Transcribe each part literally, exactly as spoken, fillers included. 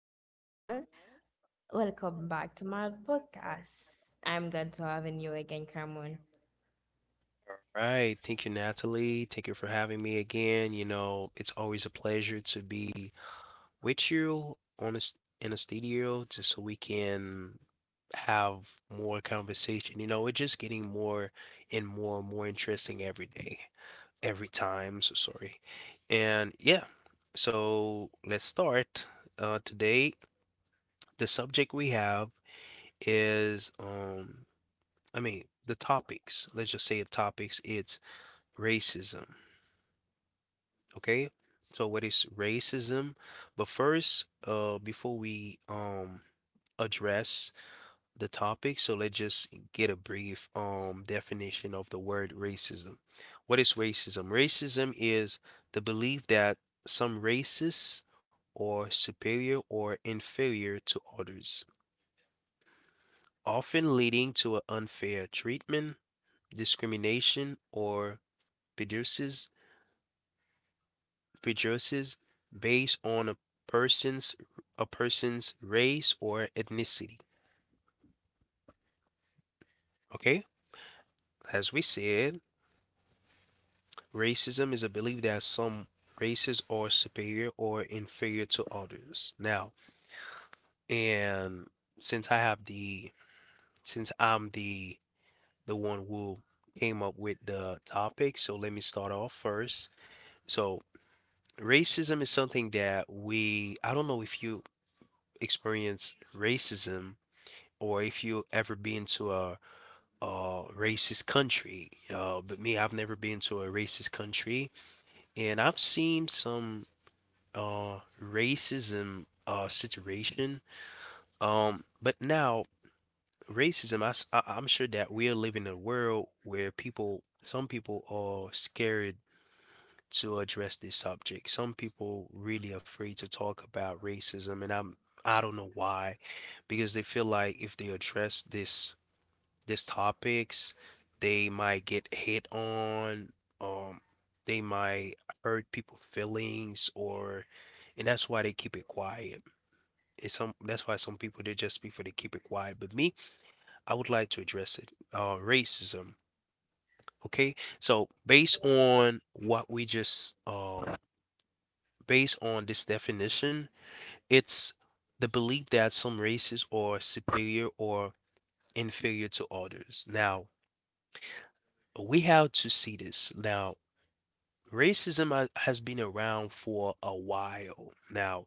Hello, Cameron. Welcome back to my podcast. I'm glad to have you again, Cameron. All right. Thank you, Natalie. Thank you for having me again. You know, it's always a pleasure to be with you on a, s- in a studio just so we can have more conversation. You know, we're just getting more and more and more interesting every day, every time. So sorry. And yeah, so let's start. Uh, today, the subject we have is, um, I mean, the topics. Let's just say the topics. It's racism, okay? So what is racism? But first, uh, before we um address the topic, so let's just get a brief um definition of the word racism. What is racism? Racism is the belief that some races are superior or inferior to others, often leading to an unfair treatment, discrimination, or prejudices prejudices based on a person's a person's race or ethnicity. Okay? As we said, racism is a belief that some races are superior or inferior to others. Now, and since I have the since I'm the the one who came up with the topic, so let me start off first. So, racism is something that we I don't know if you experience racism, or if you ever been to a, a racist country. Uh, but me, I've never been to a racist country, and I've seen some uh, racism uh, situation. Um, but now racism, I, s- I- I'm sure that we are living in a world where people, some people are scared to address this subject. Some people really afraid to talk about racism, and I'm I don't know why, because they feel like if they address this these topics, they might get hit on, um they might hurt people feelings, or and that's why they keep it quiet. It's some That's why some people, they just prefer to keep it quiet, but me, I would like to address it, uh racism. Okay, so based on what we just um based on this definition, it's the belief that some races are superior or inferior to others. Now we have to see this. Now racism ha- has been around for a while now.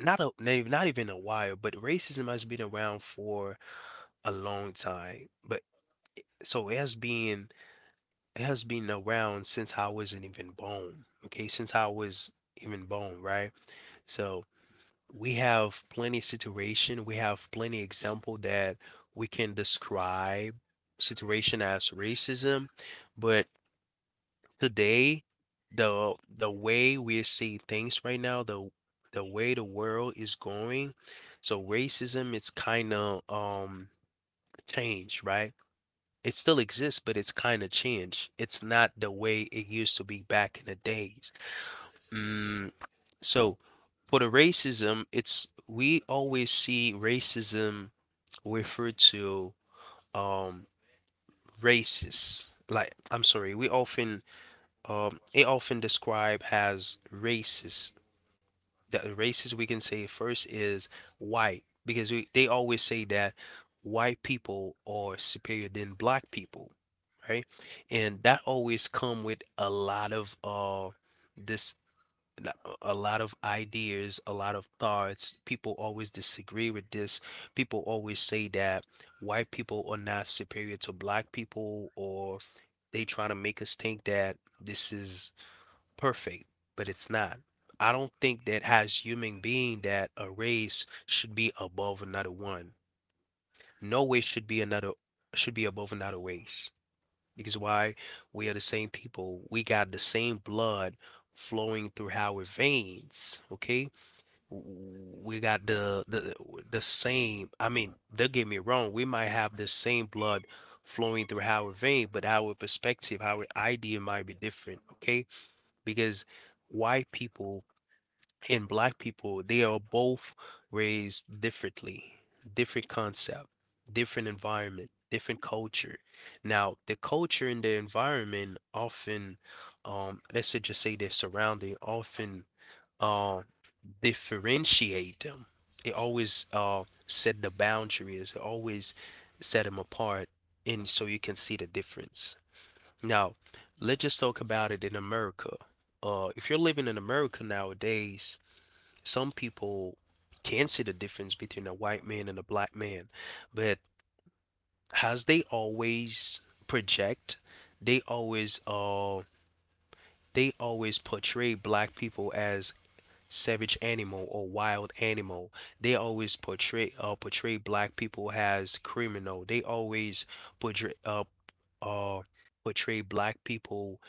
Not a, not even not even a while, but racism has been around for a long time. But so it has been it has been around since I wasn't even born. Okay, since I was even born, right? So we have plenty situation. We have plenty example that we can describe situation as racism, but today, the the way we see things right now, the the way the world is going, so racism is kind of um changed, right? It still exists, but it's kind of changed. It's not the way it used to be back in the days. mm, so for the racism, it's we always see racism referred to, um racists, like, I'm sorry, we often um, it often described as racist. That racist we can say first is white because we, they always say that white people are superior than black people, right? And that always come with a lot of uh this a lot of ideas, a lot of thoughts. People always disagree with this. People always say that white people are not superior to black people, or they try to make us think that this is perfect, but it's not. I don't think that, as human being, that a race should be above another one. No race should be another should be above another race. Because why? We are the same people. We got the same blood flowing through our veins. Okay? We got the the the same, I mean, don't get me wrong, we might have the same blood flowing through our vein, but our perspective, our idea might be different, okay? Because white people and black people, they are both raised differently, different concept, different environment, different culture. Now, the culture and the environment often, um, let's say, just say their surrounding often uh, differentiate them. It always uh, set the boundaries, it always set them apart, and so you can see the difference. Now, let's just talk about it in America. Uh, if you're living in America nowadays, some people can see the difference between a white man and a black man, but as they always project, they always uh they always portray black people as savage animal or wild animal. They always portray uh portray black people as criminal. They always portray uh uh portray black people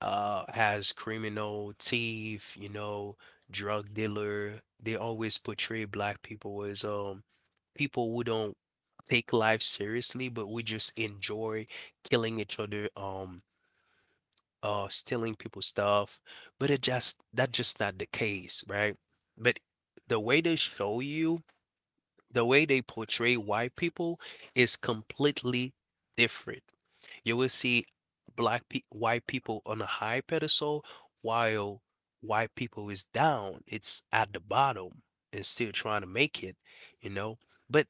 uh has criminal, thief, you know, drug dealer. They always portray black people as um people who don't take life seriously, but we just enjoy killing each other, um, uh, stealing people's stuff. But it just that's just not the case, right? But the way they show you the way they portray white people is completely different. You will see black pe white people on a high pedestal while white people is down. It's at the bottom and still trying to make it, you know. But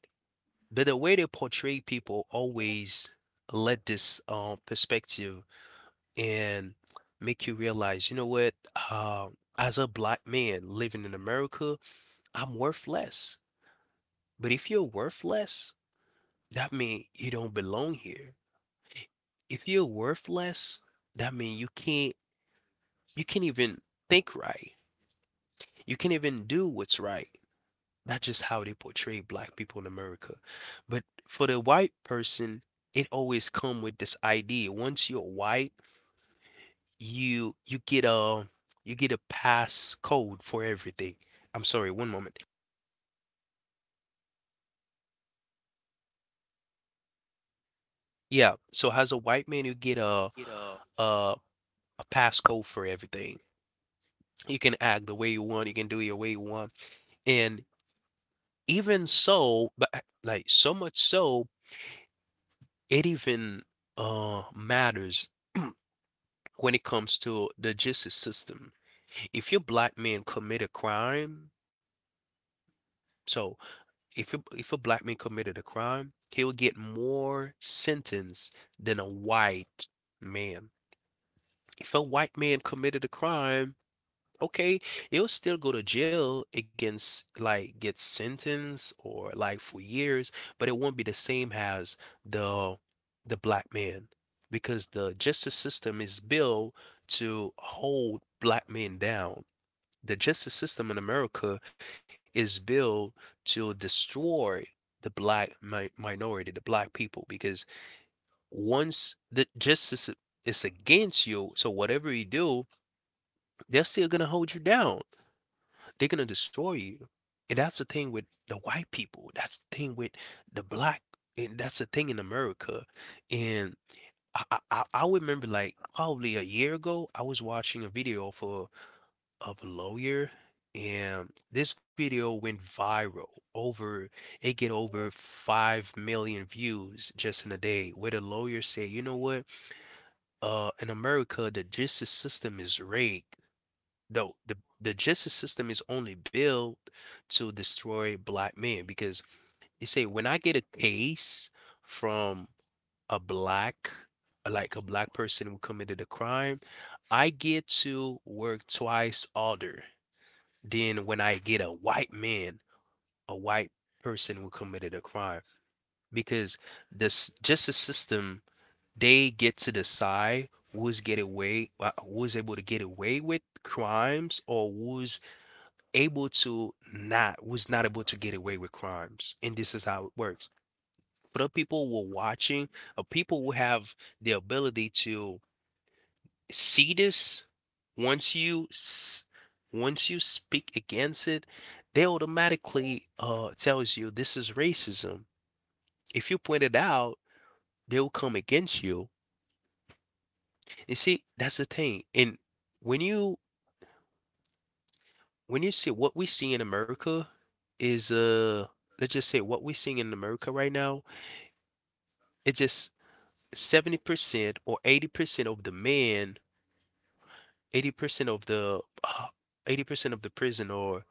but the way they portray people always let this um perspective and make you realize, you know what, uh, as a black man living in America, I'm worth less. But if you're worth less, that mean you don't belong here. If you're worthless, that mean you can't you can't even think right. You can't even do what's right. That's just how they portray black people in America. But for the white person, it always come with this idea. Once you're white, you you get a you get a pass code for everything. I'm sorry, one moment. Yeah, so as a white man, you get a It off. a, a pass code for everything. You can act the way you want, you can do it the way you want. And even so, but uh, like so much so, it even uh matters when it comes to the justice system. If your black man commit a crime, so if a, if a black man committed a crime, he'll get more sentence than a white man. If a white man committed a crime, okay, they'll still go to jail against, like, get sentenced or like for years, but it won't be the same as the the black man because the justice system is built to hold black men down. The justice system in America is built to destroy the black mi minority, the black people, because once the justice is against you, so whatever you do, they're still gonna hold you down. They're gonna destroy you. And that's the thing with the white people. That's the thing with the black. And that's the thing in America. And I, I, I I remember, like, probably a year ago, I was watching a video for of a lawyer, and this video went viral. Over It get over five million views just in a day, where the lawyer say, you know what? Uh, in America, the justice system is rigged. No, the the justice system is only built to destroy black men because, you say, when I get a case from a black like a black person who committed a crime, I get to work twice harder than when I get a white man, a white person who committed a crime. Because this justice system, they get to decide who's get away, uh, who's able to get away with crimes, or who's able to not was not able to get away with crimes, and this is how it works. But the people who are watching, or people who have the ability to see this, once you s- once you speak against it, they automatically uh tells you this is racism. If you point it out, they'll come against you. And see, that's the thing. And when you when you see what we see in America is, uh let's just say what we're seeing in America right now. It's just seventy percent or eighty percent of the men, eighty percent of the eighty percent of the prison, or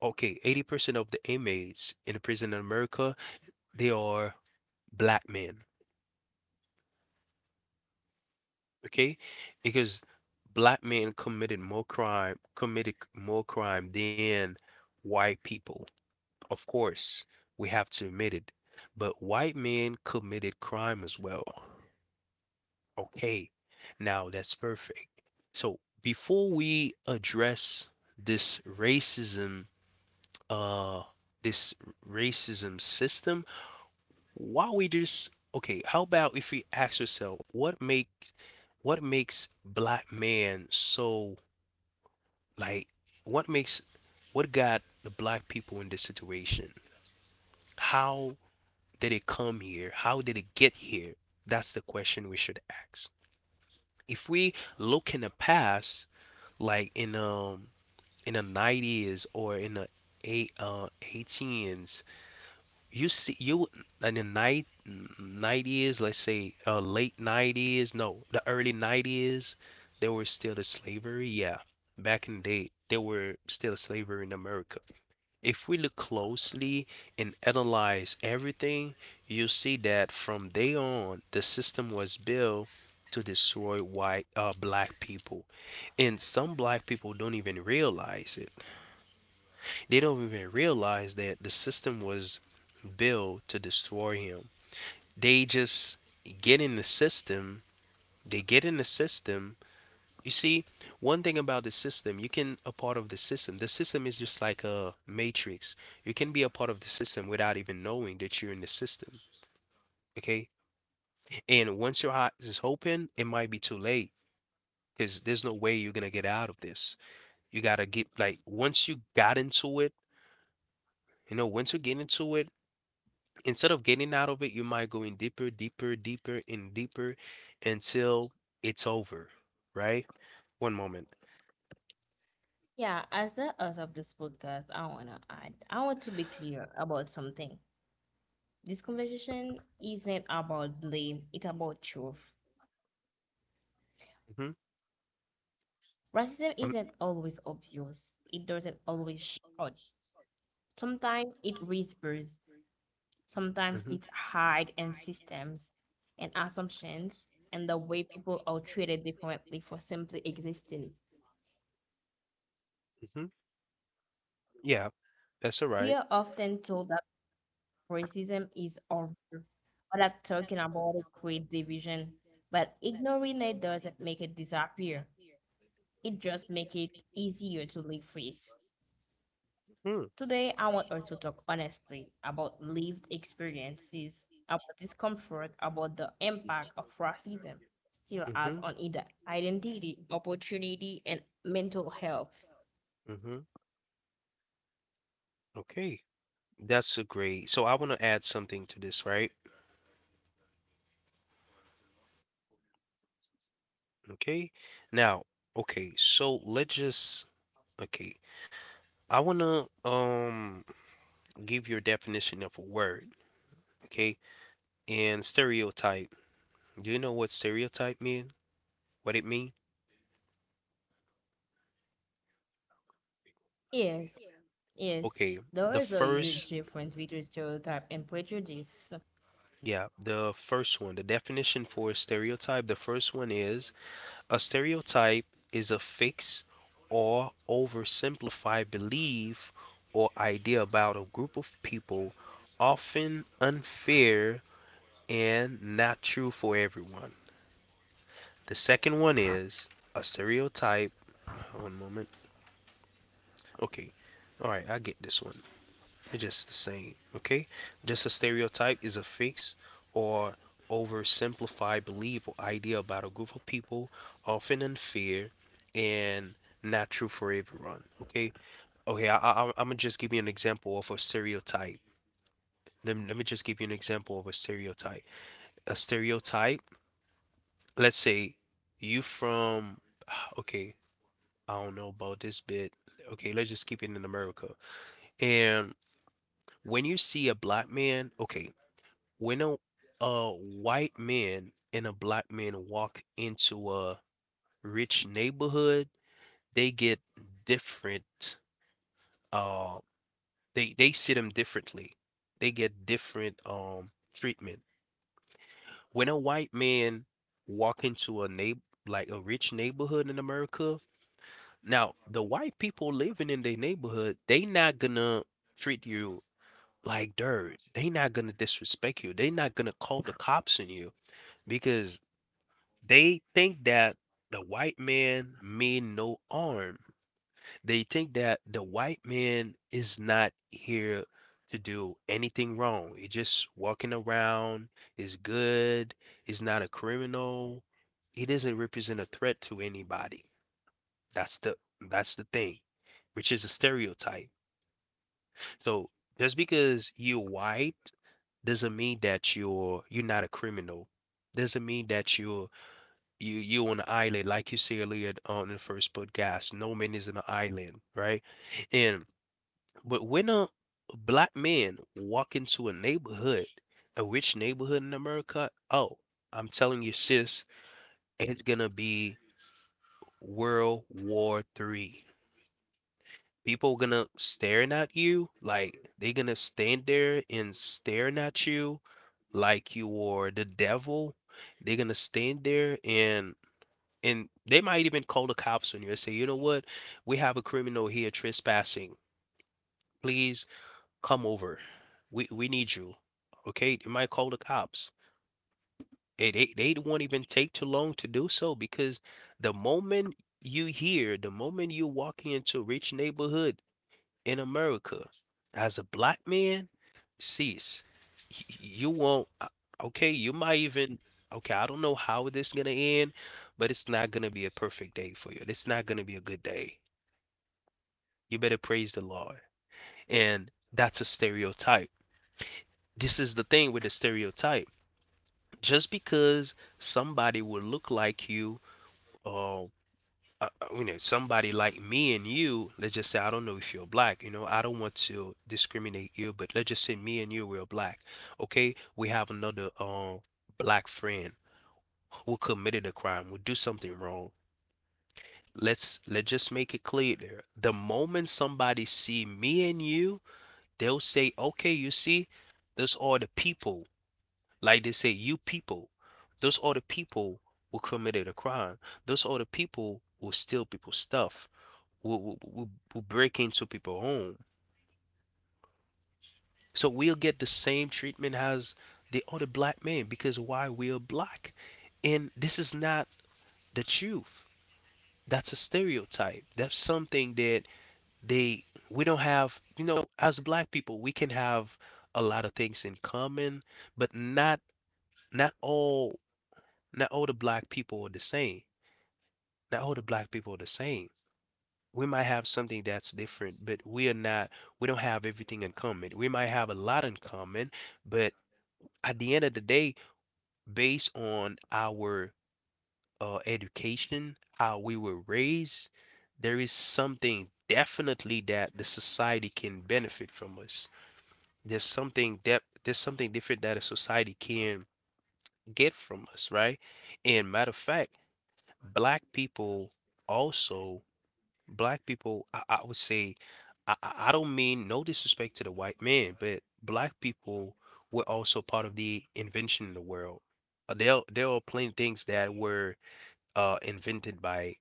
okay, eighty percent of the inmates in a prison in America, they are black men, okay? Because black men committed more crime, committed more crime than white people. Of course, we have to admit it. But white men committed crime as well. Okay, now that's perfect. So before we address this racism, uh, this racism system, why we just okay, how about if we ask ourselves, what makes what makes black man so, like what makes what got the black people in this situation? How did it come here? How did it get here? That's the question we should ask. If we look in the past, like in um in the nineties, or in the eight uh eighteens, you see, you in the night nineties, let's say uh late nineties, no, the early nineties, there were still the slavery. Yeah, back in the day, there were still slavery in America. If we look closely and analyze everything, you'll see that from day on, the system was built to destroy white, uh, black people. And some black people don't even realize it. They don't even realize that the system was built to destroy him. They just get in the system, they get in the system. You see, one thing about the system, you can a part of the system. The system is just like a matrix. You can be a part of the system without even knowing that you're in the system. Okay? And once your eyes is open, it might be too late because there's no way you're gonna get out of this. You gotta get like once you got into it, you know, once you get into it, instead of getting out of it, you might go in deeper, deeper, deeper, and deeper until it's over. Right? One moment. Yeah, as the host of this podcast, I want to add, I want to be clear about something. This conversation isn't about blame, it's about truth. hmm Racism isn't always obvious, hmm it doesn't always shout. Sometimes it whispers. Sometimes it's hard in systems and assumptions and the way people are treated differently for simply existing. hmm Yeah, that's alright. We are often told that racism is over or that talking about it creates division, but ignoring it doesn't make it disappear. It just makes it easier to live with. Mm, Today, I want us to talk honestly about lived experiences, about discomfort, about the impact of racism still has mhm, on either identity, opportunity, and mental health. mhm, okay. That's a great so I wanna add something to this, right? Okay? Now, okay, so let's just okay. I wanna um give your definition of a word, okay? And stereotype. Do you know what stereotype mean? What it mean? Yes, yes, Okay, there the is a first, huge difference between stereotype and prejudice. yeah, the first one, the definition for stereotype, the first one is a stereotype is a fixed or oversimplified belief or idea about a group of people, often unfair and not true for everyone. The second one is a stereotype. One moment. Okay. All right. I get this one. It's just the same, okay? Just a stereotype is a fix or oversimplified belief or idea about a group of people, often unfair and not true for everyone, okay? Okay, I, I, I'm gonna just give you an example of a stereotype. Let me, let me just give you an example of a stereotype. A stereotype, let's say you from, okay, I don't know about this bit. Okay, let's just keep it in America. And when you see a black man, okay, when a uh white man and a black man walk into a rich neighborhood, they get different uh they they see them differently. They get different um treatment. When a white man walk into a neighbor like a rich neighborhood in America, now the white people living in their neighborhood, they not gonna treat you like dirt. They not gonna disrespect you. They not gonna call the cops on you because they think that the white man mean no harm. They think that the white man is not here to do anything wrong. He's just walking around, is good, is not a criminal. He doesn't represent a threat to anybody. That's the that's the thing, which is a stereotype. So just because you're white doesn't mean that you're you're not a criminal. Doesn't mean that you're you you on the island, like you said earlier on the first podcast. No man is on an island, right? And but when a black man walk into a neighborhood, a rich neighborhood in America, oh, I'm telling you, sis, it's gonna be World War Three. People gonna staring at you, like they gonna stand there and staring at you like you are the devil. They're gonna stand there and and they might even call the cops on you and say, you know what, we have a criminal here trespassing. Please come over. We we need you. Okay, they might call the cops. Eh, They they won't even take too long to do so because the moment you hear, the moment you walk into a rich neighborhood, in America as a black man, sis, y- you won't. uh, Okay, you might even. Okay, I don't know how this is gonna end, but it's not gonna be a perfect day for you. It's not gonna be a good day. You better praise the Lord. And that's a stereotype. This is the thing with the stereotype. Just because somebody will look like you, uh, uh, uh, you know, somebody like me and you, let's just say, I don't know if you're black, you know, I don't want to discriminate you, but let's just say me and you, we're black, okay? We have another uh, black friend who committed a crime, who do something wrong. Let's let's just make it clear there. The moment somebody see me and you, they'll say, okay, you see, those are the people, like they say, you people, those are the people who committed a crime, those are the people who steal people's stuff, will, will, will, will break into people's home. So we'll get the same treatment as the other black men because why, we're black. And this is not the truth. That's a stereotype. That's something that they we don't have. You know, as black people, we can have a lot of things in common, but not not all not all the black people are the same. Not all the black people are the same. We might have something that's different, but we are not, we don't have everything in common. We might have a lot in common, but at the end of the day, based on our uh, education, how we were raised, there is something definitely that the society can benefit from us. There's something that there's something different that a society can get from us, right? And matter of fact, black people also black people, I, I would say, I, I I don't mean no disrespect to the white man, but black people were also part of the invention in the world. Uh, There, there are plenty things that were uh, invented by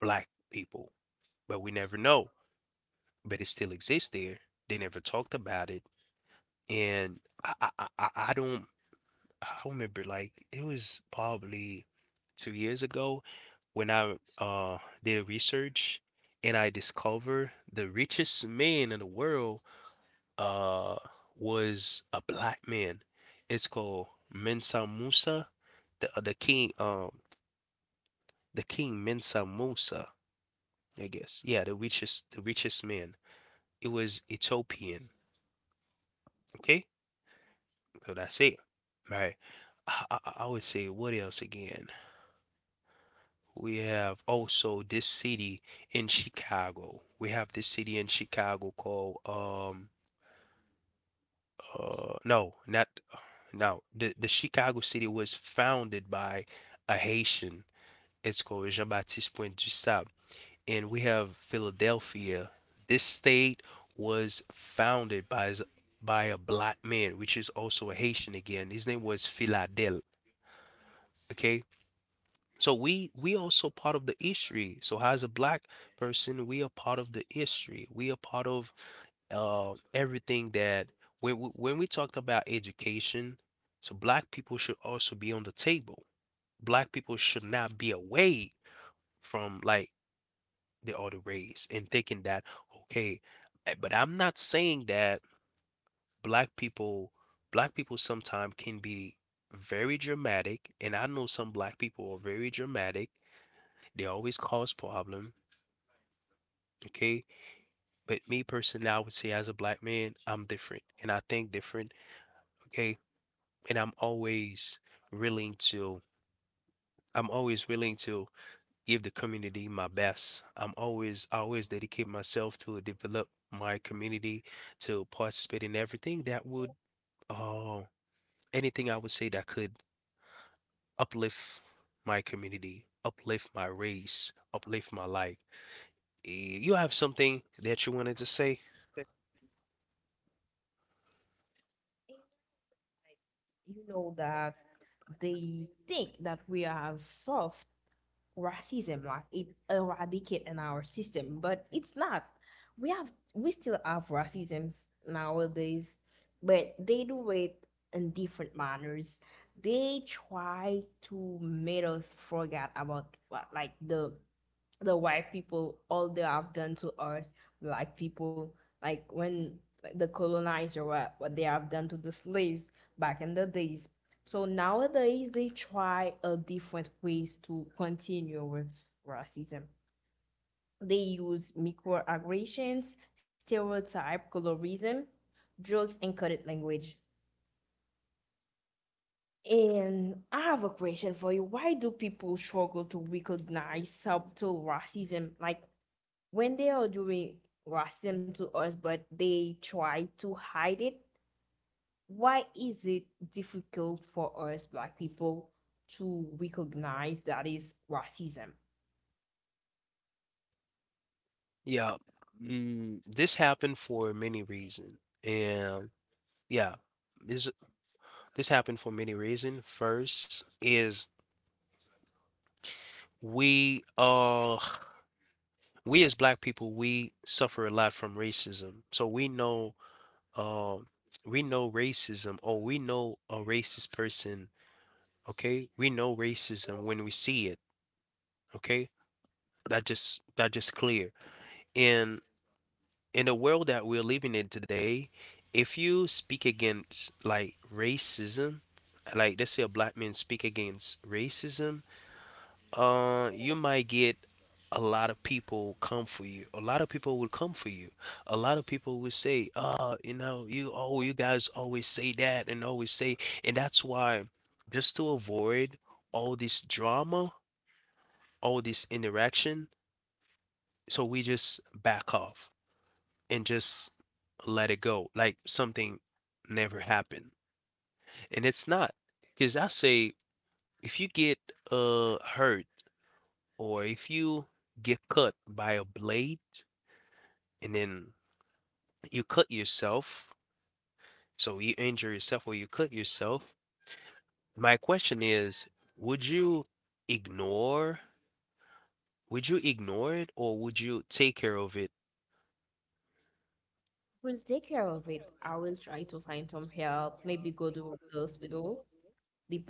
black people, but we never know. But it still exists there. They never talked about it, and I, I, I, I I don't. I remember like it was probably two years ago when I uh did research and I discovered the richest man in the world uh was a black man. It's called Mensa Musa, the uh, the king um the king Mensa Musa, I guess. Yeah, the richest the richest man. It was Ethiopian. Okay, so that's it. Right. I, I, I would say what else again? We have also this city in Chicago. We have this city in Chicago called um uh no, not no. The the Chicago city was founded by a Haitian. It's called Jean-Baptiste Point du Sable. And we have Philadelphia. This state was founded by s- by a black man, which is also a Haitian again. His name was Philadel. Okay, so we we also part of the history. So as a black person, we are part of the history. We are part of uh, everything that when we, when we talked about education, so black people should also be on the table. Black people should not be away from, like, the other race and thinking that okay, eh, but I'm not saying that black people black people sometimes can be very dramatic, and I know some black people are very dramatic. They always cause problems, okay? But me personally, I would say as a black man, I'm different and I think different, okay? And I'm always willing to I'm always willing to give the community my best. I'm always I always dedicate myself to develop my community, to participate in everything that would uh anything I would say that could uplift my community, uplift my race, uplift my life. Eh, You have something that you wanted to say? like, You know that they think that we are soft. Racism, like, it eradicate in our system, but it's not. We have, we still have racisms nowadays, but they do it in different manners. They try to make us forget about what, like, the the white people, all they have done to us black people, like when the colonizer, what, what they have done to the slaves back in the days. So nowadays they try a different ways to continue with racism. They use microaggressions, stereotype, colorism, jokes, and coded language. And I have a question for you. Why do people struggle to recognize subtle racism? Like, when they are doing racism to us, but they try to hide it, why is it difficult for us black people to recognize that is racism? Yeah. Mm, this happened for many reasons. And yeah, this this happened for many reasons. First is we uh we as black people, we suffer a lot from racism. So we know um we know racism, or we know a racist person, okay? We know racism when we see it, okay? That just that just clear. And in the world that we're living in today, if you speak against like racism, like let's say a black man speak against racism, uh, you might get a lot of people come for you. A lot of people will come for you. A lot of people will say, "Ah, you know, you oh, you guys always say that and always say," and that's why just to avoid all this drama, all this interaction, so we just back off and just let it go, like something never happened. And it's not, because I say if you get uh hurt, or if you get cut by a blade and then you cut yourself, so you injure yourself or you cut yourself, my question is, would you ignore? Would you ignore it or would you take care of it? We'll take care of it. I will try to find some help, maybe go to the hospital,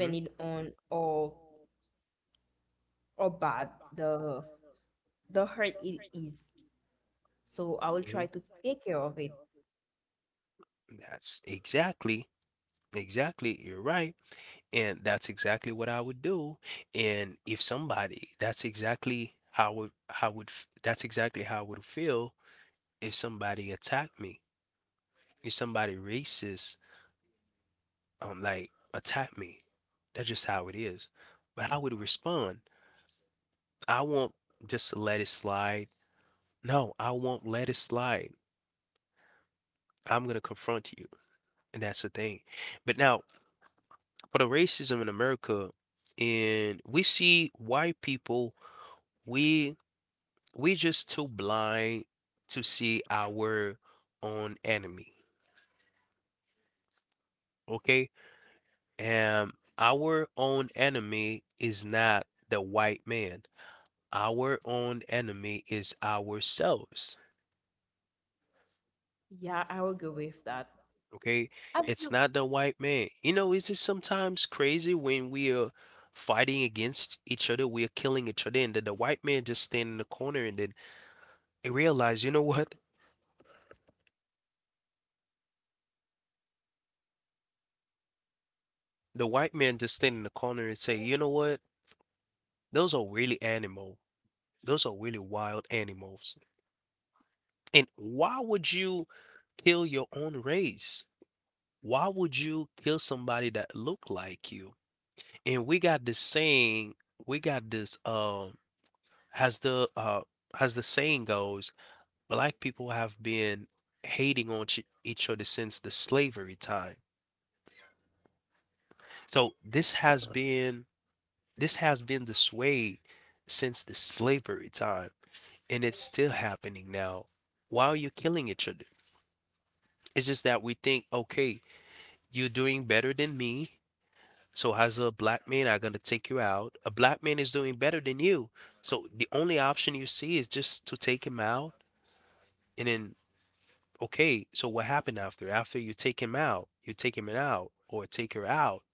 hmm on or or bad the the hurt it is. So I will hmm try to take care of it. That's exactly, exactly. You're right. And that's exactly what I would do. And if somebody, that's exactly how would how would f- that's exactly how I would feel if somebody attacked me. If somebody racist, um, like attacked me. That's just how it is. But I would respond. I won't just let it slide. No, I won't let it slide. I'm gonna confront you, and that's the thing. But now for the racism in America, and we see white people, we we just too blind to see our own enemy. Okay? And our own enemy is not the white man. Our own enemy is ourselves. Yeah, I will go with that. Okay? Have It's you. not the white man. You know, is it sometimes crazy when we are fighting against each other, we are killing each other, and then the white man just stand in the corner and then he realize, you know what? The white man just stand in the corner and say, you know what? Those are really animal. Those are really wild animals. And why would you kill your own race? Why would you kill somebody that look like you? And we got this saying, we got this um has the uh as the saying goes, black people have been hating on ch- each other since the slavery time. So this has Okay. been this has been this way since the slavery time, and it's still happening now. Why are you killing each other? It's just that we think, okay, you're doing better than me. So as a black man, I'm gonna take you out. A black man is doing better than you. So the only option you see is just to take him out and then okay, so what happened after? After you take him out, you take him out or take her out.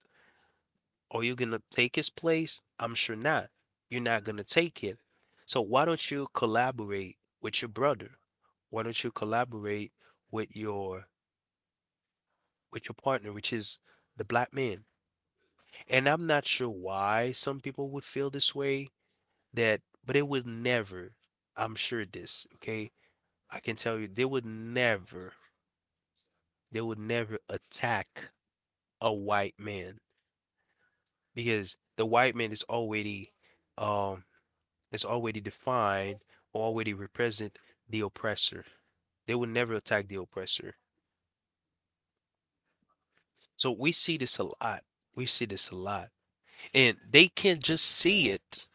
Are you gonna take his place? I'm sure not. You're not gonna take it. So why don't you collaborate with your brother? Why don't you collaborate with your with your partner, which is the black man? And I'm not sure why some people would feel this way, that but they would never, I'm sure this, okay? I can tell you, they would never, they would never attack a white man because the white man is already, um, is already defined, already represent the oppressor. They would never attack the oppressor. So we see this a lot. We see this a lot. And they can't just see it.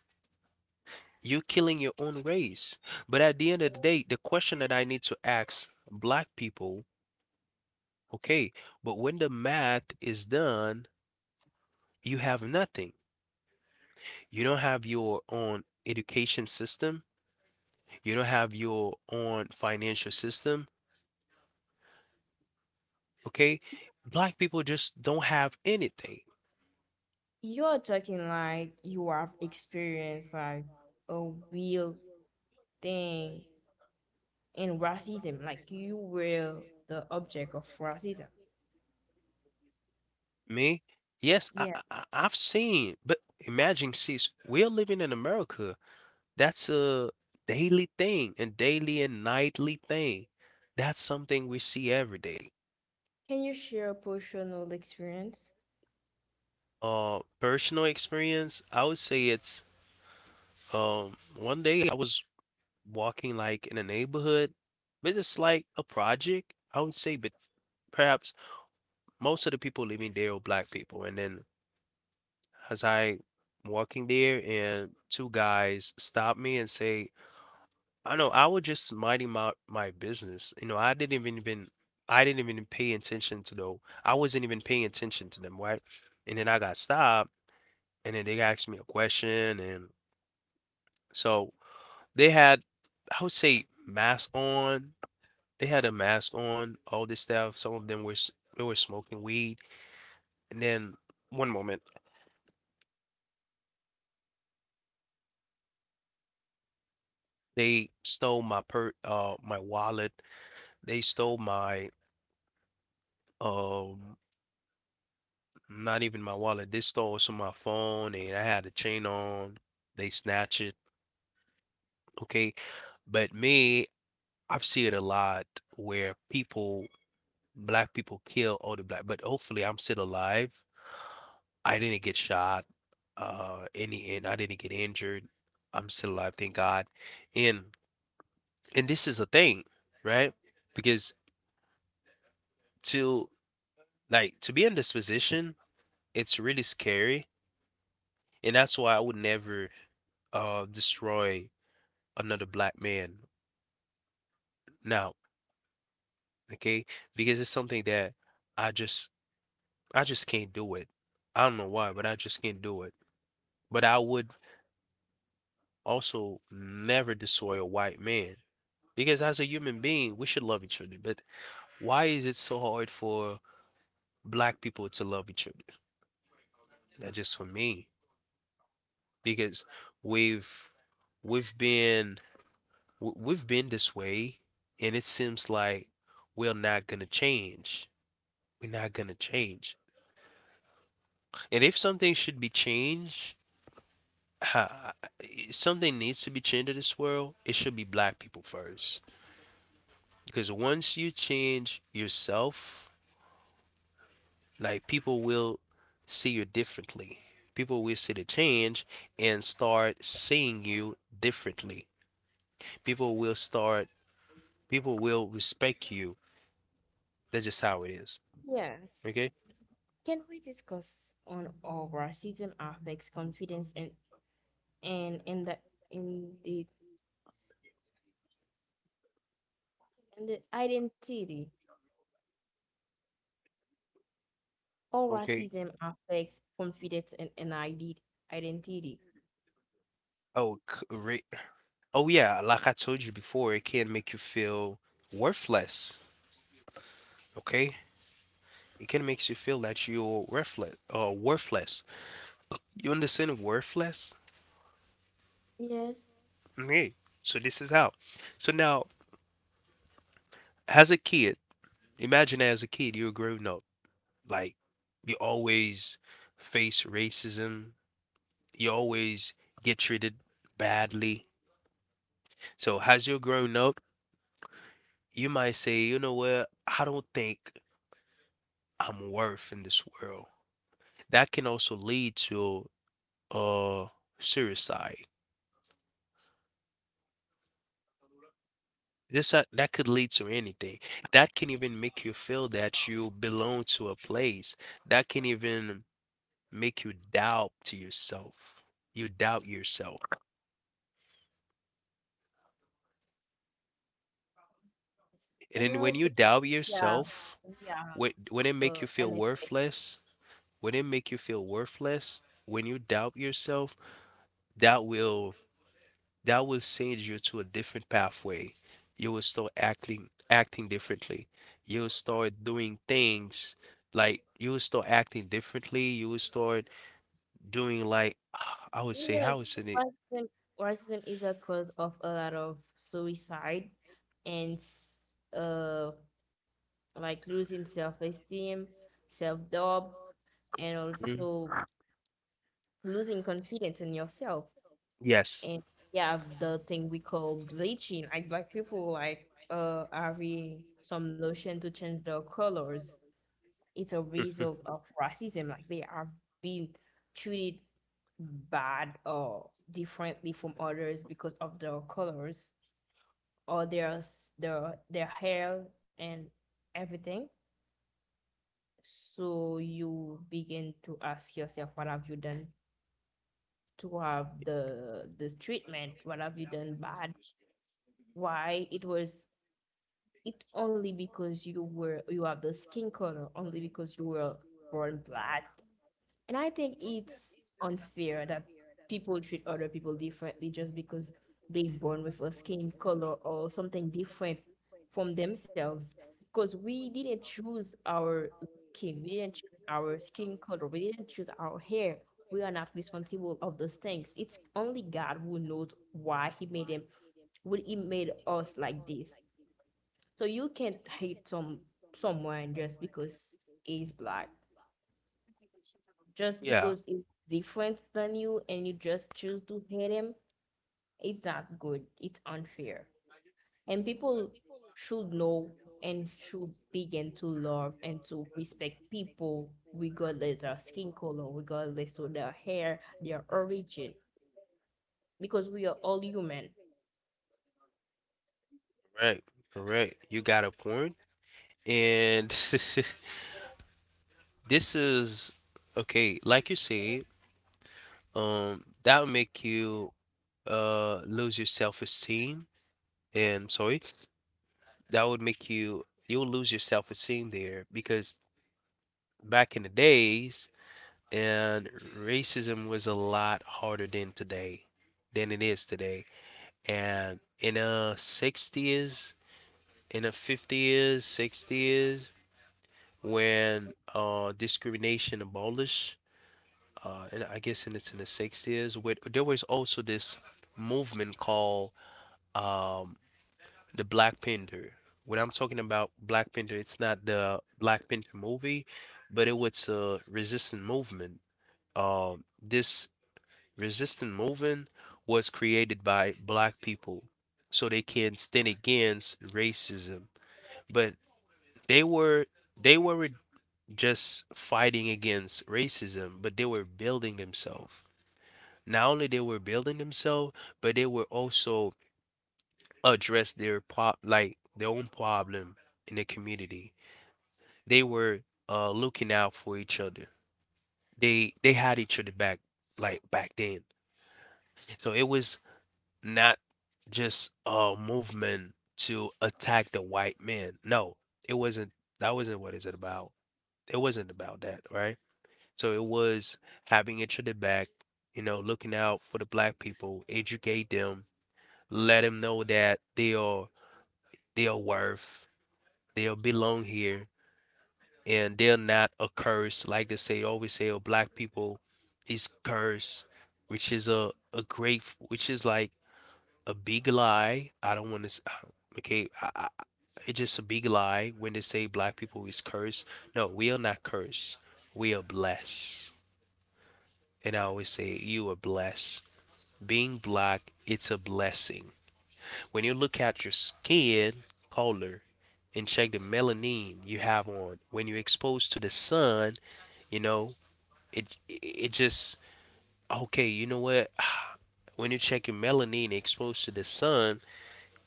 You're killing your own race. But at the end of the day, the question that I need to ask black people, okay, but when the math is done, you have nothing. You don't have your own education system. You don't have your own financial system, okay? Black people just don't have anything. You're talking like you have experienced like a real thing in racism, like you were the object of racism. Me, yes, I, Yeah. I I- have seen, but imagine, sis, we're living in America. That's a daily thing, and daily and nightly thing. That's something we see every day. Can you share a personal experience? Uh, personal experience, I would say it's um one day I was walking like in a neighborhood, but it's like a project. I would say, but perhaps most of the people living there are black people. And then as I walking there, and two guys stop me and say, I know I was just minding my my business. You know, I didn't even even I didn't even pay attention to though. I wasn't even paying attention to them, right? And then I got stopped, and then they asked me a question, and so they had, I would say, mask on. They had a mask on, all this stuff. Some of them were s- they were smoking weed, and then one moment they stole my per uh my wallet. They stole my um not even my wallet. This store was on my phone and I had a chain on. They snatch it. Okay. But me, I've seen it a lot where people, black people kill other black, but hopefully I'm still alive. I didn't get shot. Uh, any and I didn't get injured. I'm still alive, thank God. And and this is a thing, right? Because to like to be in this position, it's really scary, and that's why I would never uh destroy another black man now, okay? Because it's something that I just I just can't do it. I don't know why, but I just can't do it. But I would also never destroy a white man because as a human being, we should love each other. But why is it so hard for black people to love each other? That just for me because we've we've been w- we've been this way and it seems like we're not gonna change. We're not gonna change. And if something should be changed, ha- if something needs to be changed in this world, it should be black people first. Because once you change yourself, like people will see you differently. People will see the change and start seeing you differently. People will start, people will respect you. That's just how it is. Yes. Okay? Can we discuss on how racism affects confidence and and in the in the in the identity? How Okay. racism affects confidence and, and ide- identity? Oh, c- oh yeah, like I told you before, it can make you feel worthless. Okay? It can makes you feel that you're worthless or worthless. You understand worthless? Yes. Okay. So this is how. So now, as a kid, imagine as a kid you're growing up. Like you always face racism. You always get treated badly. So as you're growing up, you might say, you know what? I don't think I'm worth in this world. That can also lead to uh suicide. This uh, that could lead to anything. That can even make you feel that you belong to a place. That can even make you doubt to yourself. You doubt yourself. And And then when you also, doubt yeah. yourself, Yeah. when when it Uh, make you feel N F A. worthless, when it make you feel worthless, when you doubt yourself, that will that will send you to a different pathway. You will start acting acting differently. You'll start doing things like you will start acting differently. You will start doing like I would say Yeah, how is it? racism, racism is a cause of a lot of suicide and s- uh, like losing self-esteem, self-doubt, and Mm, also losing confidence in yourself. yes. And we have the thing we call bleaching. Like black people like uh having some lotion to change their colors. It's a Mhm. result of racism. Like they have been treated bad or differently from others because of their colors or their their their hair and everything. So you begin to ask yourself, what have you done to have the this treatment? What have you done bad? Why it was it only because you were you have the skin color, only because you were born black? And I think it's unfair that people treat other people differently just because they born with a skin color or something different from themselves. Because we didn't choose our skin, we didn't choose our skin color, we didn't choose our hair. We are not responsible of those things. It's only God who knows why He made them, would He made us like this. So you can't hate some someone just because he's black, just Yeah, because it's different than you and you just choose to hate him, it's not good. It's unfair. And people should know and should begin to love and to respect people regardless of their skin color, regardless of their hair, their origin, because we are all human. correct, correct. You got a point. And this is okay, like you say, um, that would make you uh lose your self-esteem. And sorry, that would make you you'll lose your self-esteem there because back in the days, and racism was a lot harder than today, than it is today. And in the sixties, in the fifties, sixties, when uh discrimination abolished uh, and I guess in it's in the sixties, where there was also this movement called um, the Black Panther. When I'm talking about Black Panther, it's not the Black Panther movie, but it was a resistant movement. Um, this resistant movement was created by black people so they can stand against racism. But they were they weren't just fighting against racism, but they were building themselves. Not only they were building themselves, but they were also address their pro like their own problem in the community. They were uh looking out for each other. They they had each other back like back then. So it was not just a movement to attack the white man. No, it wasn't that wasn't what it's about. It wasn't about that, right? So it was having each other back, you know, looking out for the black people, educate them, let them know that they are they are worth, they are belong here, and they're not a curse. Like they say, always say, oh, black people is curse, which is a a great, which is like a big lie. I don't want to. Okay, I, I, it's just a big lie when they say black people is cursed. No, we are not cursed. We are blessed. And I always say, you are blessed. Being black, it's a blessing. When you look at your skin color and check the melanin you have on, when you're exposed to the sun, you know, it it just okay, you know what? When you check your melanin exposed to the sun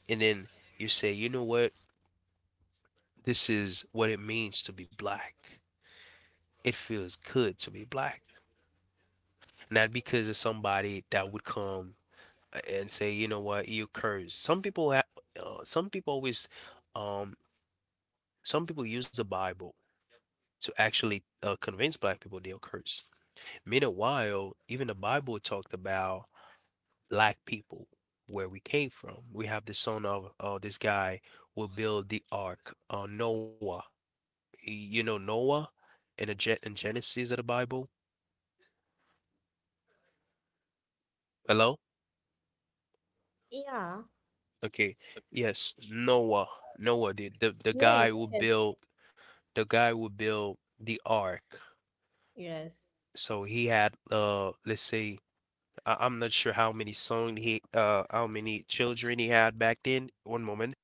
and then you say, "You know what? This is what it means to be black. It feels good to be black." Not because of somebody that would come and say, "You know what? You curse." Some people ha- uh, some people always um some people use the Bible to actually uh, convince black people they are cursed. Meanwhile, even the Bible talked about black people where we came from. We have the son of uh, this guy will build the ark, uh, Noah. Y- You know Noah in the Gen in Genesis of the Bible. Hello? Yeah. Okay. Yes, Noah. Noah, the, the the Yes. guy who Yes. built the guy who built the ark. Yes. So he had uh let's say I I'm not sure how many son he uh how many children he had back then. One moment.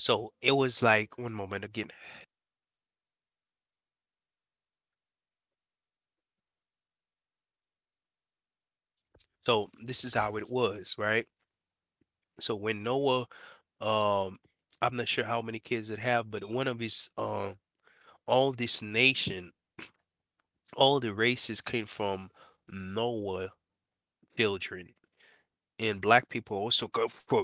So it was like one moment again. So this is how it was, right? So when Noah, um, I'm not sure how many kids it have, but one of his um all this nation, all the races came from Noah children. And black people also come from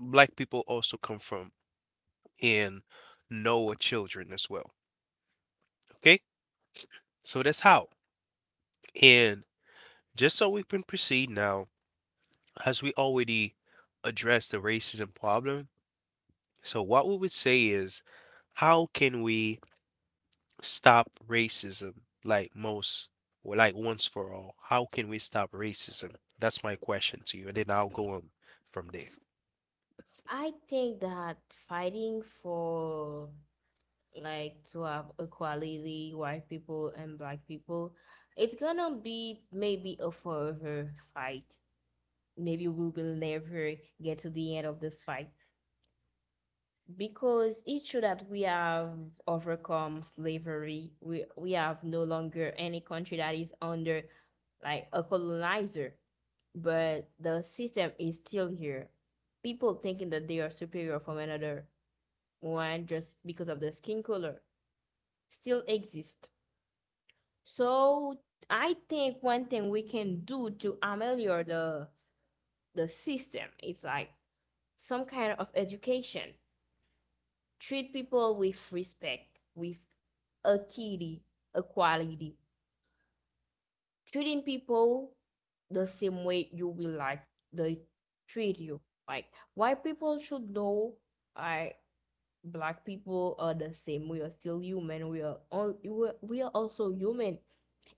black people also come from and Noah children as well. Okay? So that's how. And just so we can proceed now, as we already addressed the racism problem, so what we would say is, how can we stop racism? Like most, or like once for all, how can we stop racism? That's my question to you, and then I'll go on from there. I think that fighting for, like, to have equality, white people and black people, it's gonna be maybe a forever fight. Maybe we will never get to the end of this fight because it's true that we have overcome slavery. We we have no longer any country that is under like a colonizer, but the system is still here. People thinking that they are superior from another one just because of their skin color still exist. So I think one thing we can do to ameliorate the the system is like some kind of education. Treat people with respect, with equity, equality. Treating people the same way you will like they treat you. Like white people should know, I, black people are the same. We are still human. We are all, we are, we are also human.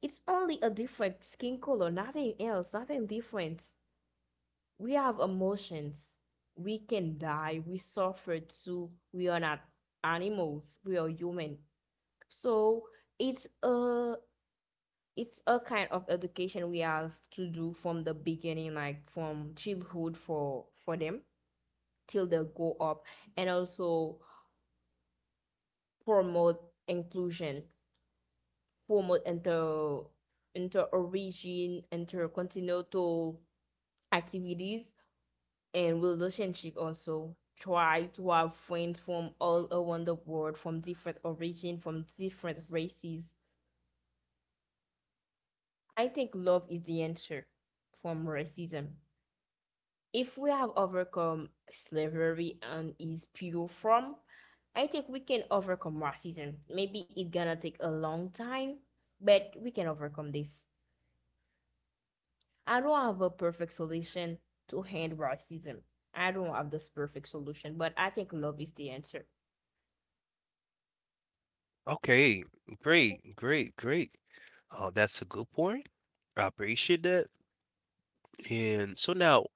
It's only a different skin color, nothing else, nothing different. We have emotions. We can die. We suffer too. We are not animals. We are human. So it's a, it's a kind of education we have to do from the beginning, like from childhood for for them till they grow up, and also promote inclusion, promote inter, inter origin, intercontinental activities and relationship. Also try to have friends from all around the world, from different origin, from different races. I think love is the answer from racism. If we have overcome slavery and its pure form, I think we can overcome racism. Maybe it's gonna take a long time, but we can overcome this. I don't have a perfect solution to end racism. I don't have this perfect solution, but I think love is the answer. Okay, great, great, great. Oh, that's a good point. I appreciate that. And so now,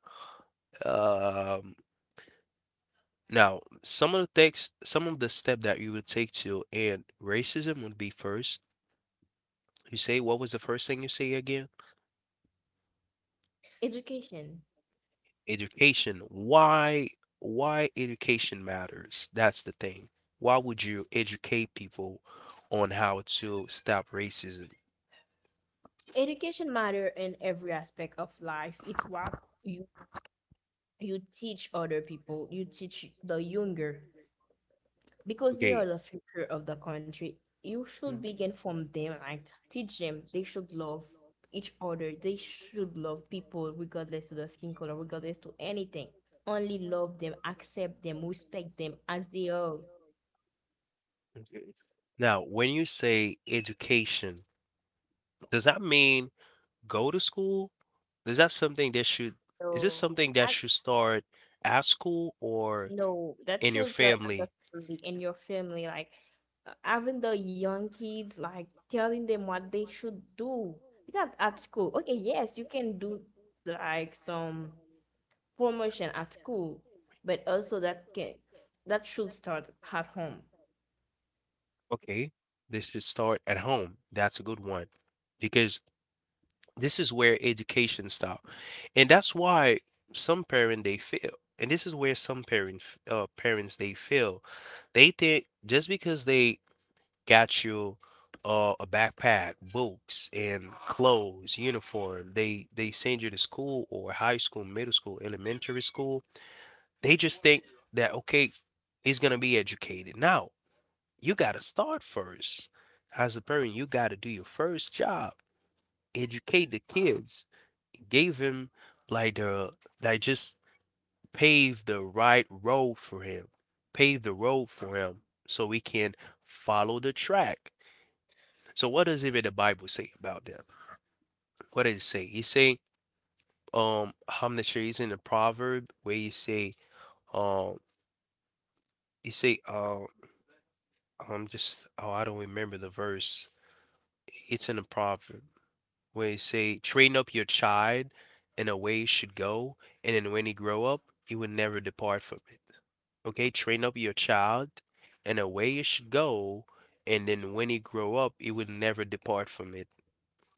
um, Now, some of the things, some of the step that you would take to end racism would be first, you say, what was the first thing you say again? Education. Education. Why, why education matters? That's the thing. Why would you educate people on how to stop racism? Education matter in every aspect of life. It's what you you teach other people. You teach the younger because they are Okay. the future of the country. You should Mm, begin from them, like teach them. They should love each other. They should love people regardless to the skin color, regardless to anything. Only love them, accept them, respect them as they are. okay. Now, when you say education, does that mean go to school? Is that something that should, is this So. something that should start at school or? No, that In your shows that family, understanding in your family, like uh, having the young kids, like telling them what they should do. Because at school, okay, yes, you can do like some promotion at school, but also that can, that should start at home. okay, this should start at home. That's a good one because this is where education starts, and that's why some parents they fail, and this is where some parents, uh, parents they fail. They think just because they got you uh, a backpack, books, and clothes, uniform, they they send you to school or high school, middle school, elementary school. They just think that okay, he's gonna be educated now you got to start first. As a parent, you got to do your first job, educate the kids, give him like the like just pave the right road for him, pave the road for him so we can follow the track. So what does even the Bible say about them? What does it say? He say, um, I'm not sure he's in the proverb where he say, um, he say, uh, I'm just, oh, I don't remember the verse. It's in the proverb. Where it say, "Train up your child in a way he should go, and then when he grow up, he will never depart from it." Okay, train up your child in a way he should go, and then when he grow up, he will never depart from it.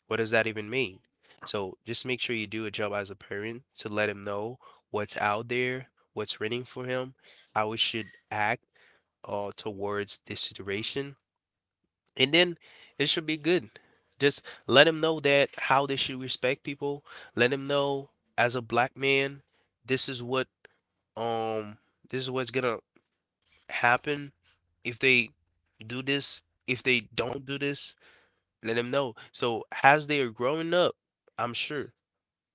What does that even mean? So just make sure you do a job as a parent to let him know what's out there, what's waiting for him, how he should act uh, towards this situation, and then it should be good. Just let them know that how they should respect people. Let them know as a black man, this is what um this is what's gonna happen if they do this. If they don't do this, let them know. So as they are growing up, I'm sure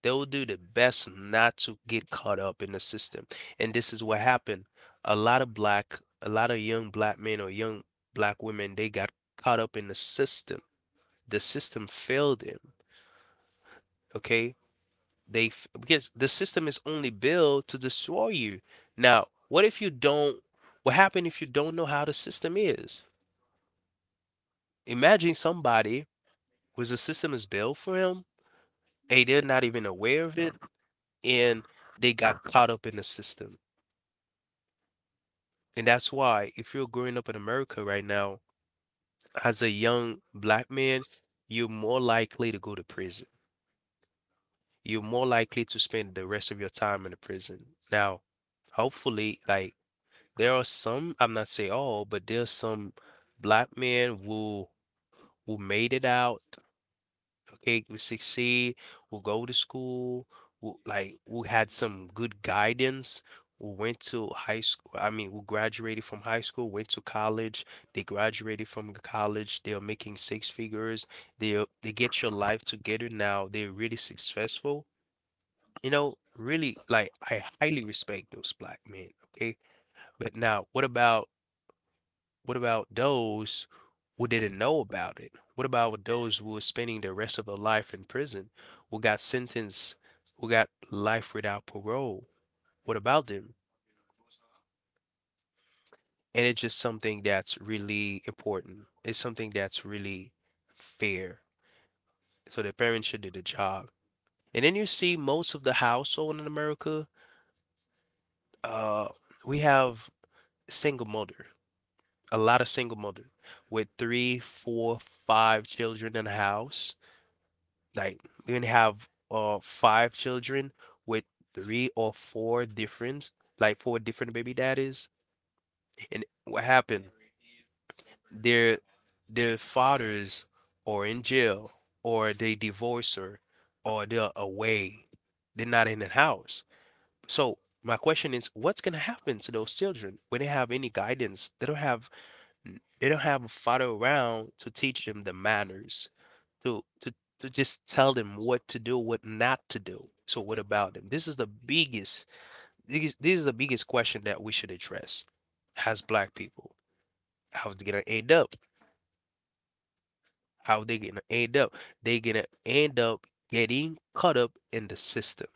they will do the best not to get caught up in the system. And this is what happened. A lot of black, a lot of young black men or young black women, they got caught up in the system. The system failed him. Okay, they f- because the system is only built to destroy you. Now, what if you don't? What happened if you don't know how the system is? Imagine somebody whose the system is built for him, and they're not even aware of it, and they got caught up in the system. And that's why, if you're growing up in America right now, as a young black man, you're more likely to go to prison. You're more likely to spend the rest of your time in the prison. Now, hopefully, like there are some, I'm not saying all, but there's some black men who who made it out, okay, who succeed, who go to school, who like who had some good guidance, who went to high school, I mean, who graduated from high school, went to college, they graduated from college, they are making six figures, they they get your life together now, they're really successful you know, really, like I highly respect those black men, okay? But now, what about what about those who didn't know about it? What about those who were spending the rest of their life in prison, who got sentenced, who got life without parole? What about them? And it's just something that's really important. It's something that's really fair. So the parents should do the job. And then you see most of the household in America, uh, we have single mother. A lot of single mother with three, four, five children in the house. Like we can have uh five children with three or four different, like four different baby daddies. And what happened? Their their fathers are in jail or they divorce her or they're away. They're not in the house. So my question is, what's gonna happen to those children when they have any guidance? They don't have they don't have a father around to teach them the manners, to to to just tell them what to do, what not to do. So what about them? This is the biggest this, this is the biggest question that we should address as black people. How they gonna end up? How they gonna end up? They gonna end up getting caught up in the system.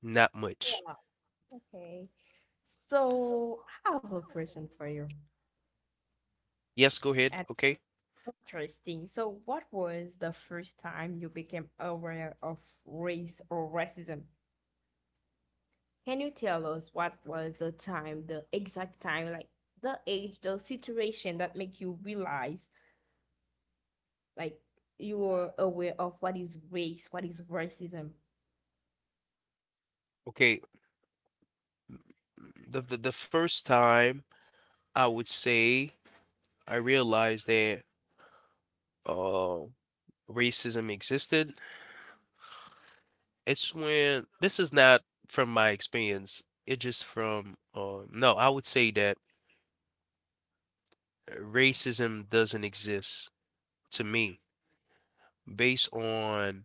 Not much. Yeah. Okay. So I have a question for you. Yes, go ahead. And Okay. interesting. So what was the first time you became aware of race or racism? Can you tell us what was the time, the exact time, like the age, the situation that make you realize like you were aware of what is race, what is racism? Okay. The the, the first time I would say I realized that uh racism existed. It's when this is not from my experience. It just from uh, no, I would say that racism doesn't exist to me based on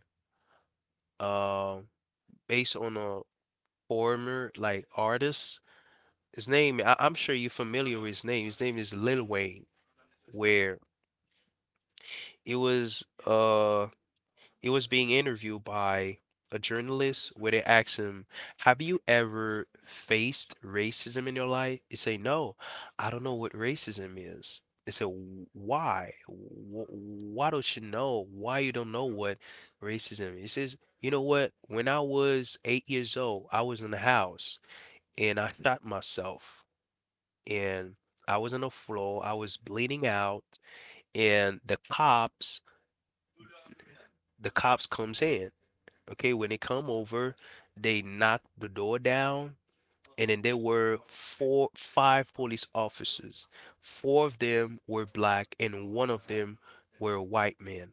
uh based on a former like artist. His name, I, I'm sure you're familiar with his name. His name is Lil Wayne, where it was uh it was being interviewed by a journalist where they asked him, "Have you ever faced racism in your life?" He say, "No, I don't know what racism is." They said, "Why? Wh- Why don't you know? Why you don't know what racism is?" He says, "You know what? When I was eight years old, I was in the house and I shot myself. And I was on the floor, I was bleeding out, and the cops the cops comes in. Okay, when they come over, they knock the door down, and then there were four, five police officers. Four of them were black, and one of them were a white man.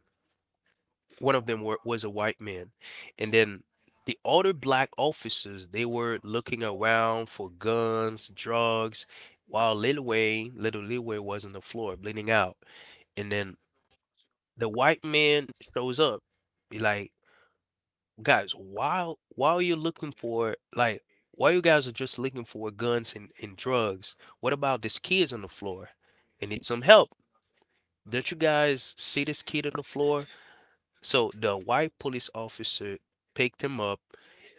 One of them were, was a white man, and then the other black officers they were looking around for guns, drugs, while Lil Wayne, little Lil Wayne was on the floor bleeding out, and then the white man shows up." He like, "Guys, while while you're looking for like while you guys are just looking for guns and, and drugs, what about this kid's on the floor? They need some help. Don't you guys see this kid on the floor?" So the white police officer picked him up.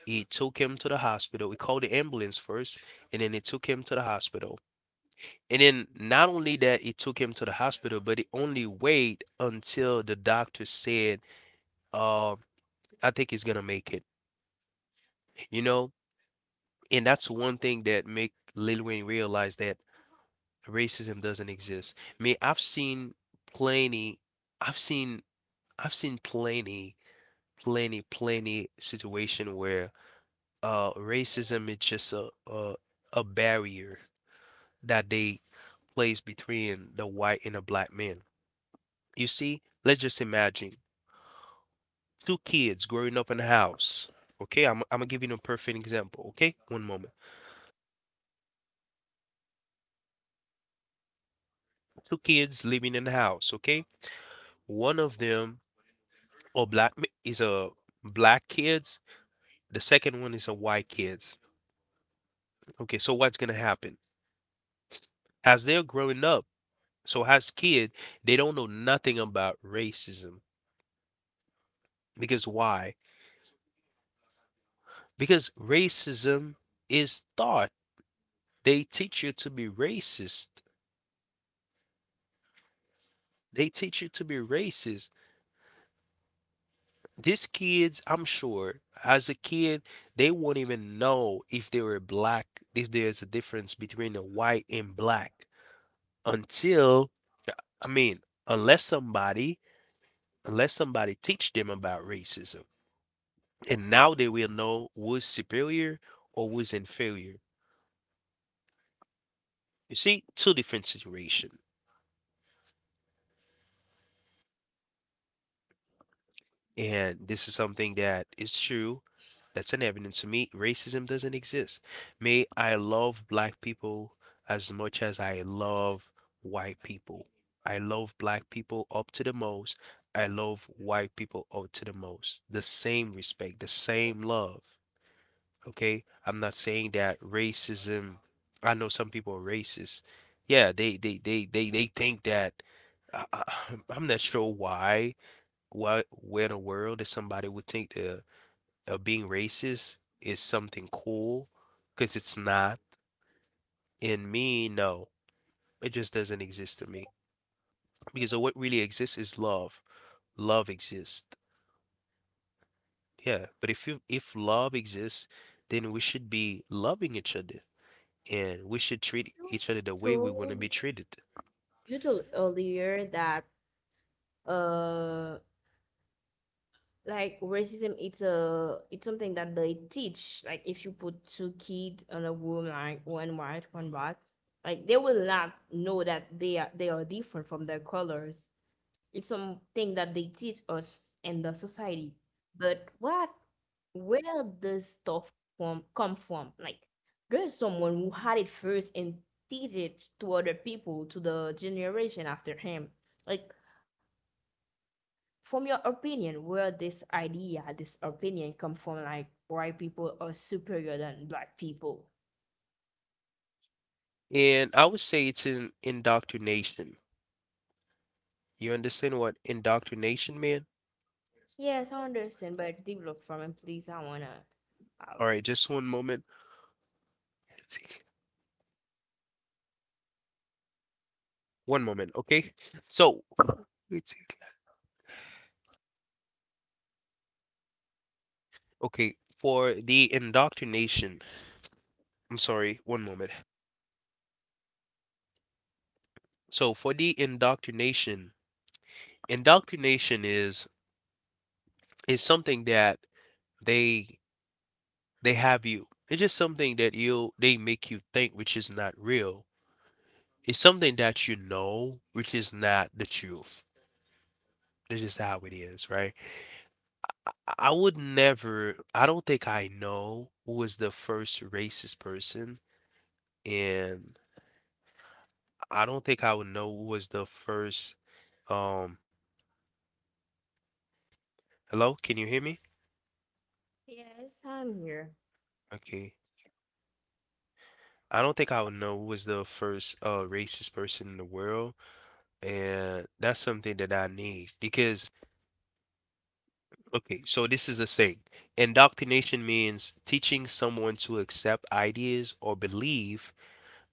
He took him to the hospital. He called the ambulance first, and then he took him to the hospital. And then not only that, he took him to the hospital, but he only waited until the doctor said, uh, "I think he's gonna make it." You know, And that's one thing that make Lil Wayne realize that racism doesn't exist. Me, I've seen plenty, I've seen, I've seen plenty, plenty, plenty situation where uh racism is just a a, a barrier that they place between the white and the black man. You see, let's just imagine two kids growing up in a house. Okay, I'm I'm gonna give you a perfect example. Okay, one moment. Two kids living in a house. Okay, one of them or black m- is a black kids, the second one is a white kids, okay, so what's gonna happen as they're growing up? So as kid, they don't know nothing about racism. Because why? Because racism is taught. They teach you to be racist. They teach you to be racist. These kids, I'm sure as a kid, they won't even know if they were black, if there's a difference between a white and black, until, I mean, unless somebody unless somebody teach them about racism, and now they will know who's superior or who's inferior. You see, two different situation, and this is something that is true. That's an evidence to me. Racism doesn't exist. May I love black people as much as I love white people. I love black people up to the most. I love white people up to the most. The same respect, the same love. Okay, I'm not saying that racism. I know some people are racist. Yeah, they they they they they think that. I, I- I'm not sure why. Why? Where in the world that somebody would think that uh, being racist is something cool? Because it's not. In me, no, it just doesn't exist to me. Because what really exists is love. Love exists. Yeah, but if you if love exists, then we should be loving each other. And we should treat You each other the way we want to told be treated. you told earlier that uh like racism, it's a, it's something that they teach. Like if you put two kids in a room, like one white, one black, like they will not know that they are they are different from their colors. It's something that they teach us in the society. But what, where does stuff from, come from? Like, there's someone who had it first and teach it to other people, to the generation after him. Like, from your opinion, where this idea, this opinion come from, like white people are superior than black people? And I would say it's an indoctrination. You understand what indoctrination mean? Yes, I understand, but develop from it, please. I wanna All have. right, just one moment. One moment, okay? So, okay, for the indoctrination, I'm sorry, one moment. So, for the indoctrination, indoctrination is is something that they they have you. It's just something that you they make you think which is not real. It's something that you know, which is not the truth. This is how it is, right? I I would never, I don't think I know who was the first racist person, and I don't think I would know who was the first, um, hello, can you hear me? Yes, I'm here. Okay. I don't think I would know who was the first uh racist person in the world, and that's something that I need because okay, so this is the thing. Indoctrination means teaching someone to accept ideas or believe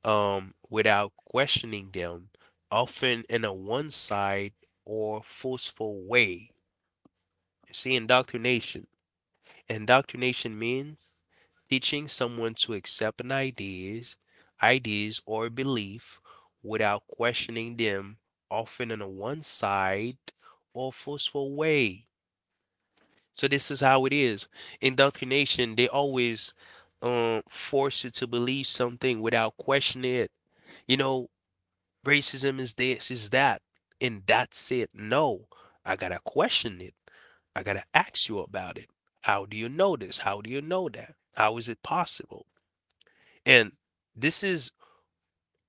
um, without questioning them, often in a one sided or forceful way. You see, indoctrination. Indoctrination means teaching someone to accept an ideas, ideas or belief without questioning them, often in a one sided or forceful way. So this is how it is. Indoctrination, they always um force you to believe something without questioning it. You know, racism is this, is that, and that's it. No, I gotta question it. I gotta ask you about it. How do you know this? How do you know that? How is it possible? And this is,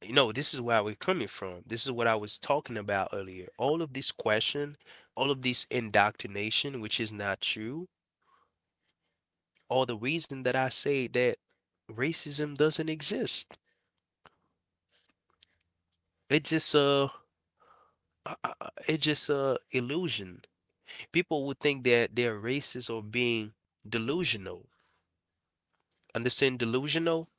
you know, this is where we're coming from. This is what I was talking about earlier. All of this question, all of this indoctrination, which is not true, all the reason that I say that racism doesn't exist. It just uh, it's uh, it just a uh illusion. People would think that they're racist or being delusional. Understand delusional?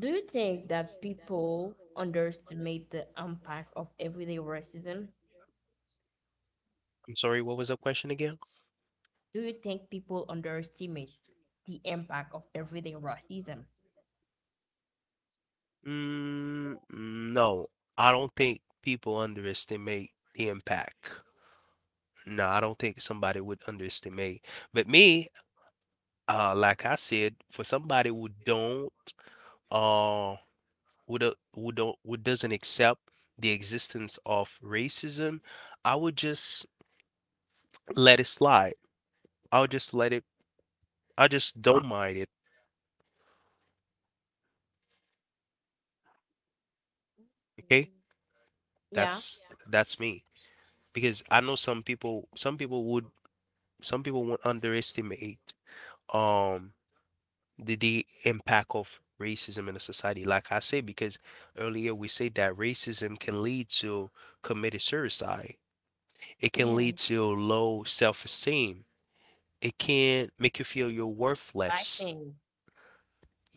Do you think that people underestimate the impact of everyday racism? I'm sorry, what was that question again? Do you think people underestimate the impact of everyday racism? Mm, no, I don't think people underestimate the impact. No, I don't think somebody would underestimate. But me, uh, like I said, for somebody who don't, uh, who do, who don't, who doesn't accept the existence of racism, I would just let it slide. I'll just let it. I just don't mind it. Okay. Yeah. That's that's me because I know some people some people would some people would underestimate um the, the impact of racism in a society. Like I say, because earlier we said that racism can lead to committed suicide. It can lead Yeah. to low self-esteem. It can make you feel you're I worthless. think.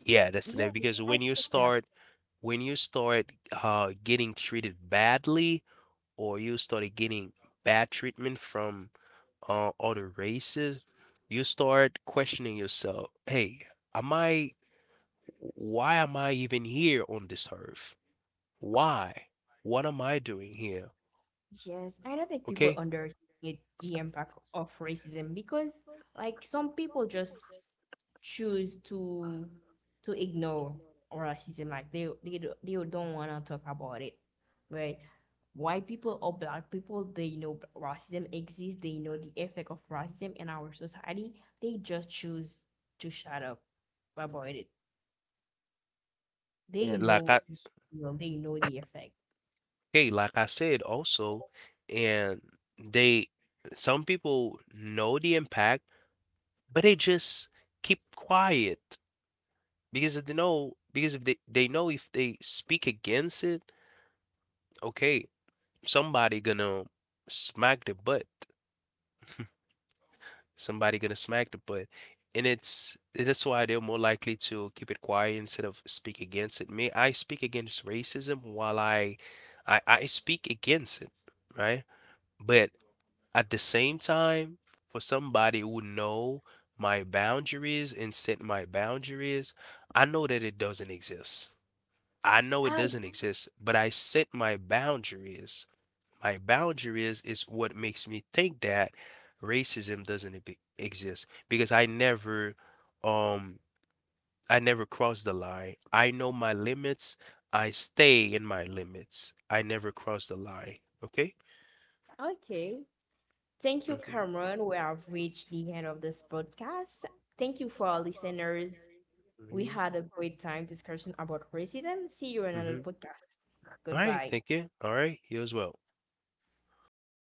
Yeah, that's the Yeah, name because I when you think that. start when you start uh getting treated badly or you started getting bad treatment from uh, other races, you start questioning yourself. Hey, am I, why am I even here on this earth? Why? What am I doing here? Yes, I don't think people Okay? underestimate the impact of racism because like some people just choose to to ignore racism like they they, do- they don't want to talk about it. Right? White people or black people, they know racism exists, they know the effect of racism in our society. They just choose to shut up about it. They And like I, know they know the effect. okay, like I said also, and they, some people know the impact, but they just keep quiet because they know, because if they, they know if they speak against it, okay, somebody gonna smack the butt. Somebody gonna smack the butt. And it's that's why they're more likely to keep it quiet instead of speak against it. Me, I speak against racism while I, I, I speak against it, right? But at the same time, for somebody who know my boundaries and set my boundaries, I know that it doesn't exist. I know it Ah. doesn't exist, but I set my boundaries. My boundary is is what makes me think that racism doesn't e- exist because I never um I never cross the line. I know my limits. I stay in my limits. I never cross the line. Okay? Okay. Thank you, hmm Cameron. We have reached the end of this podcast. Thank you for our listeners. We had a great time discussion about racism. See you in another hmm podcast. All right, Goodbye. thank you. All right, you as well.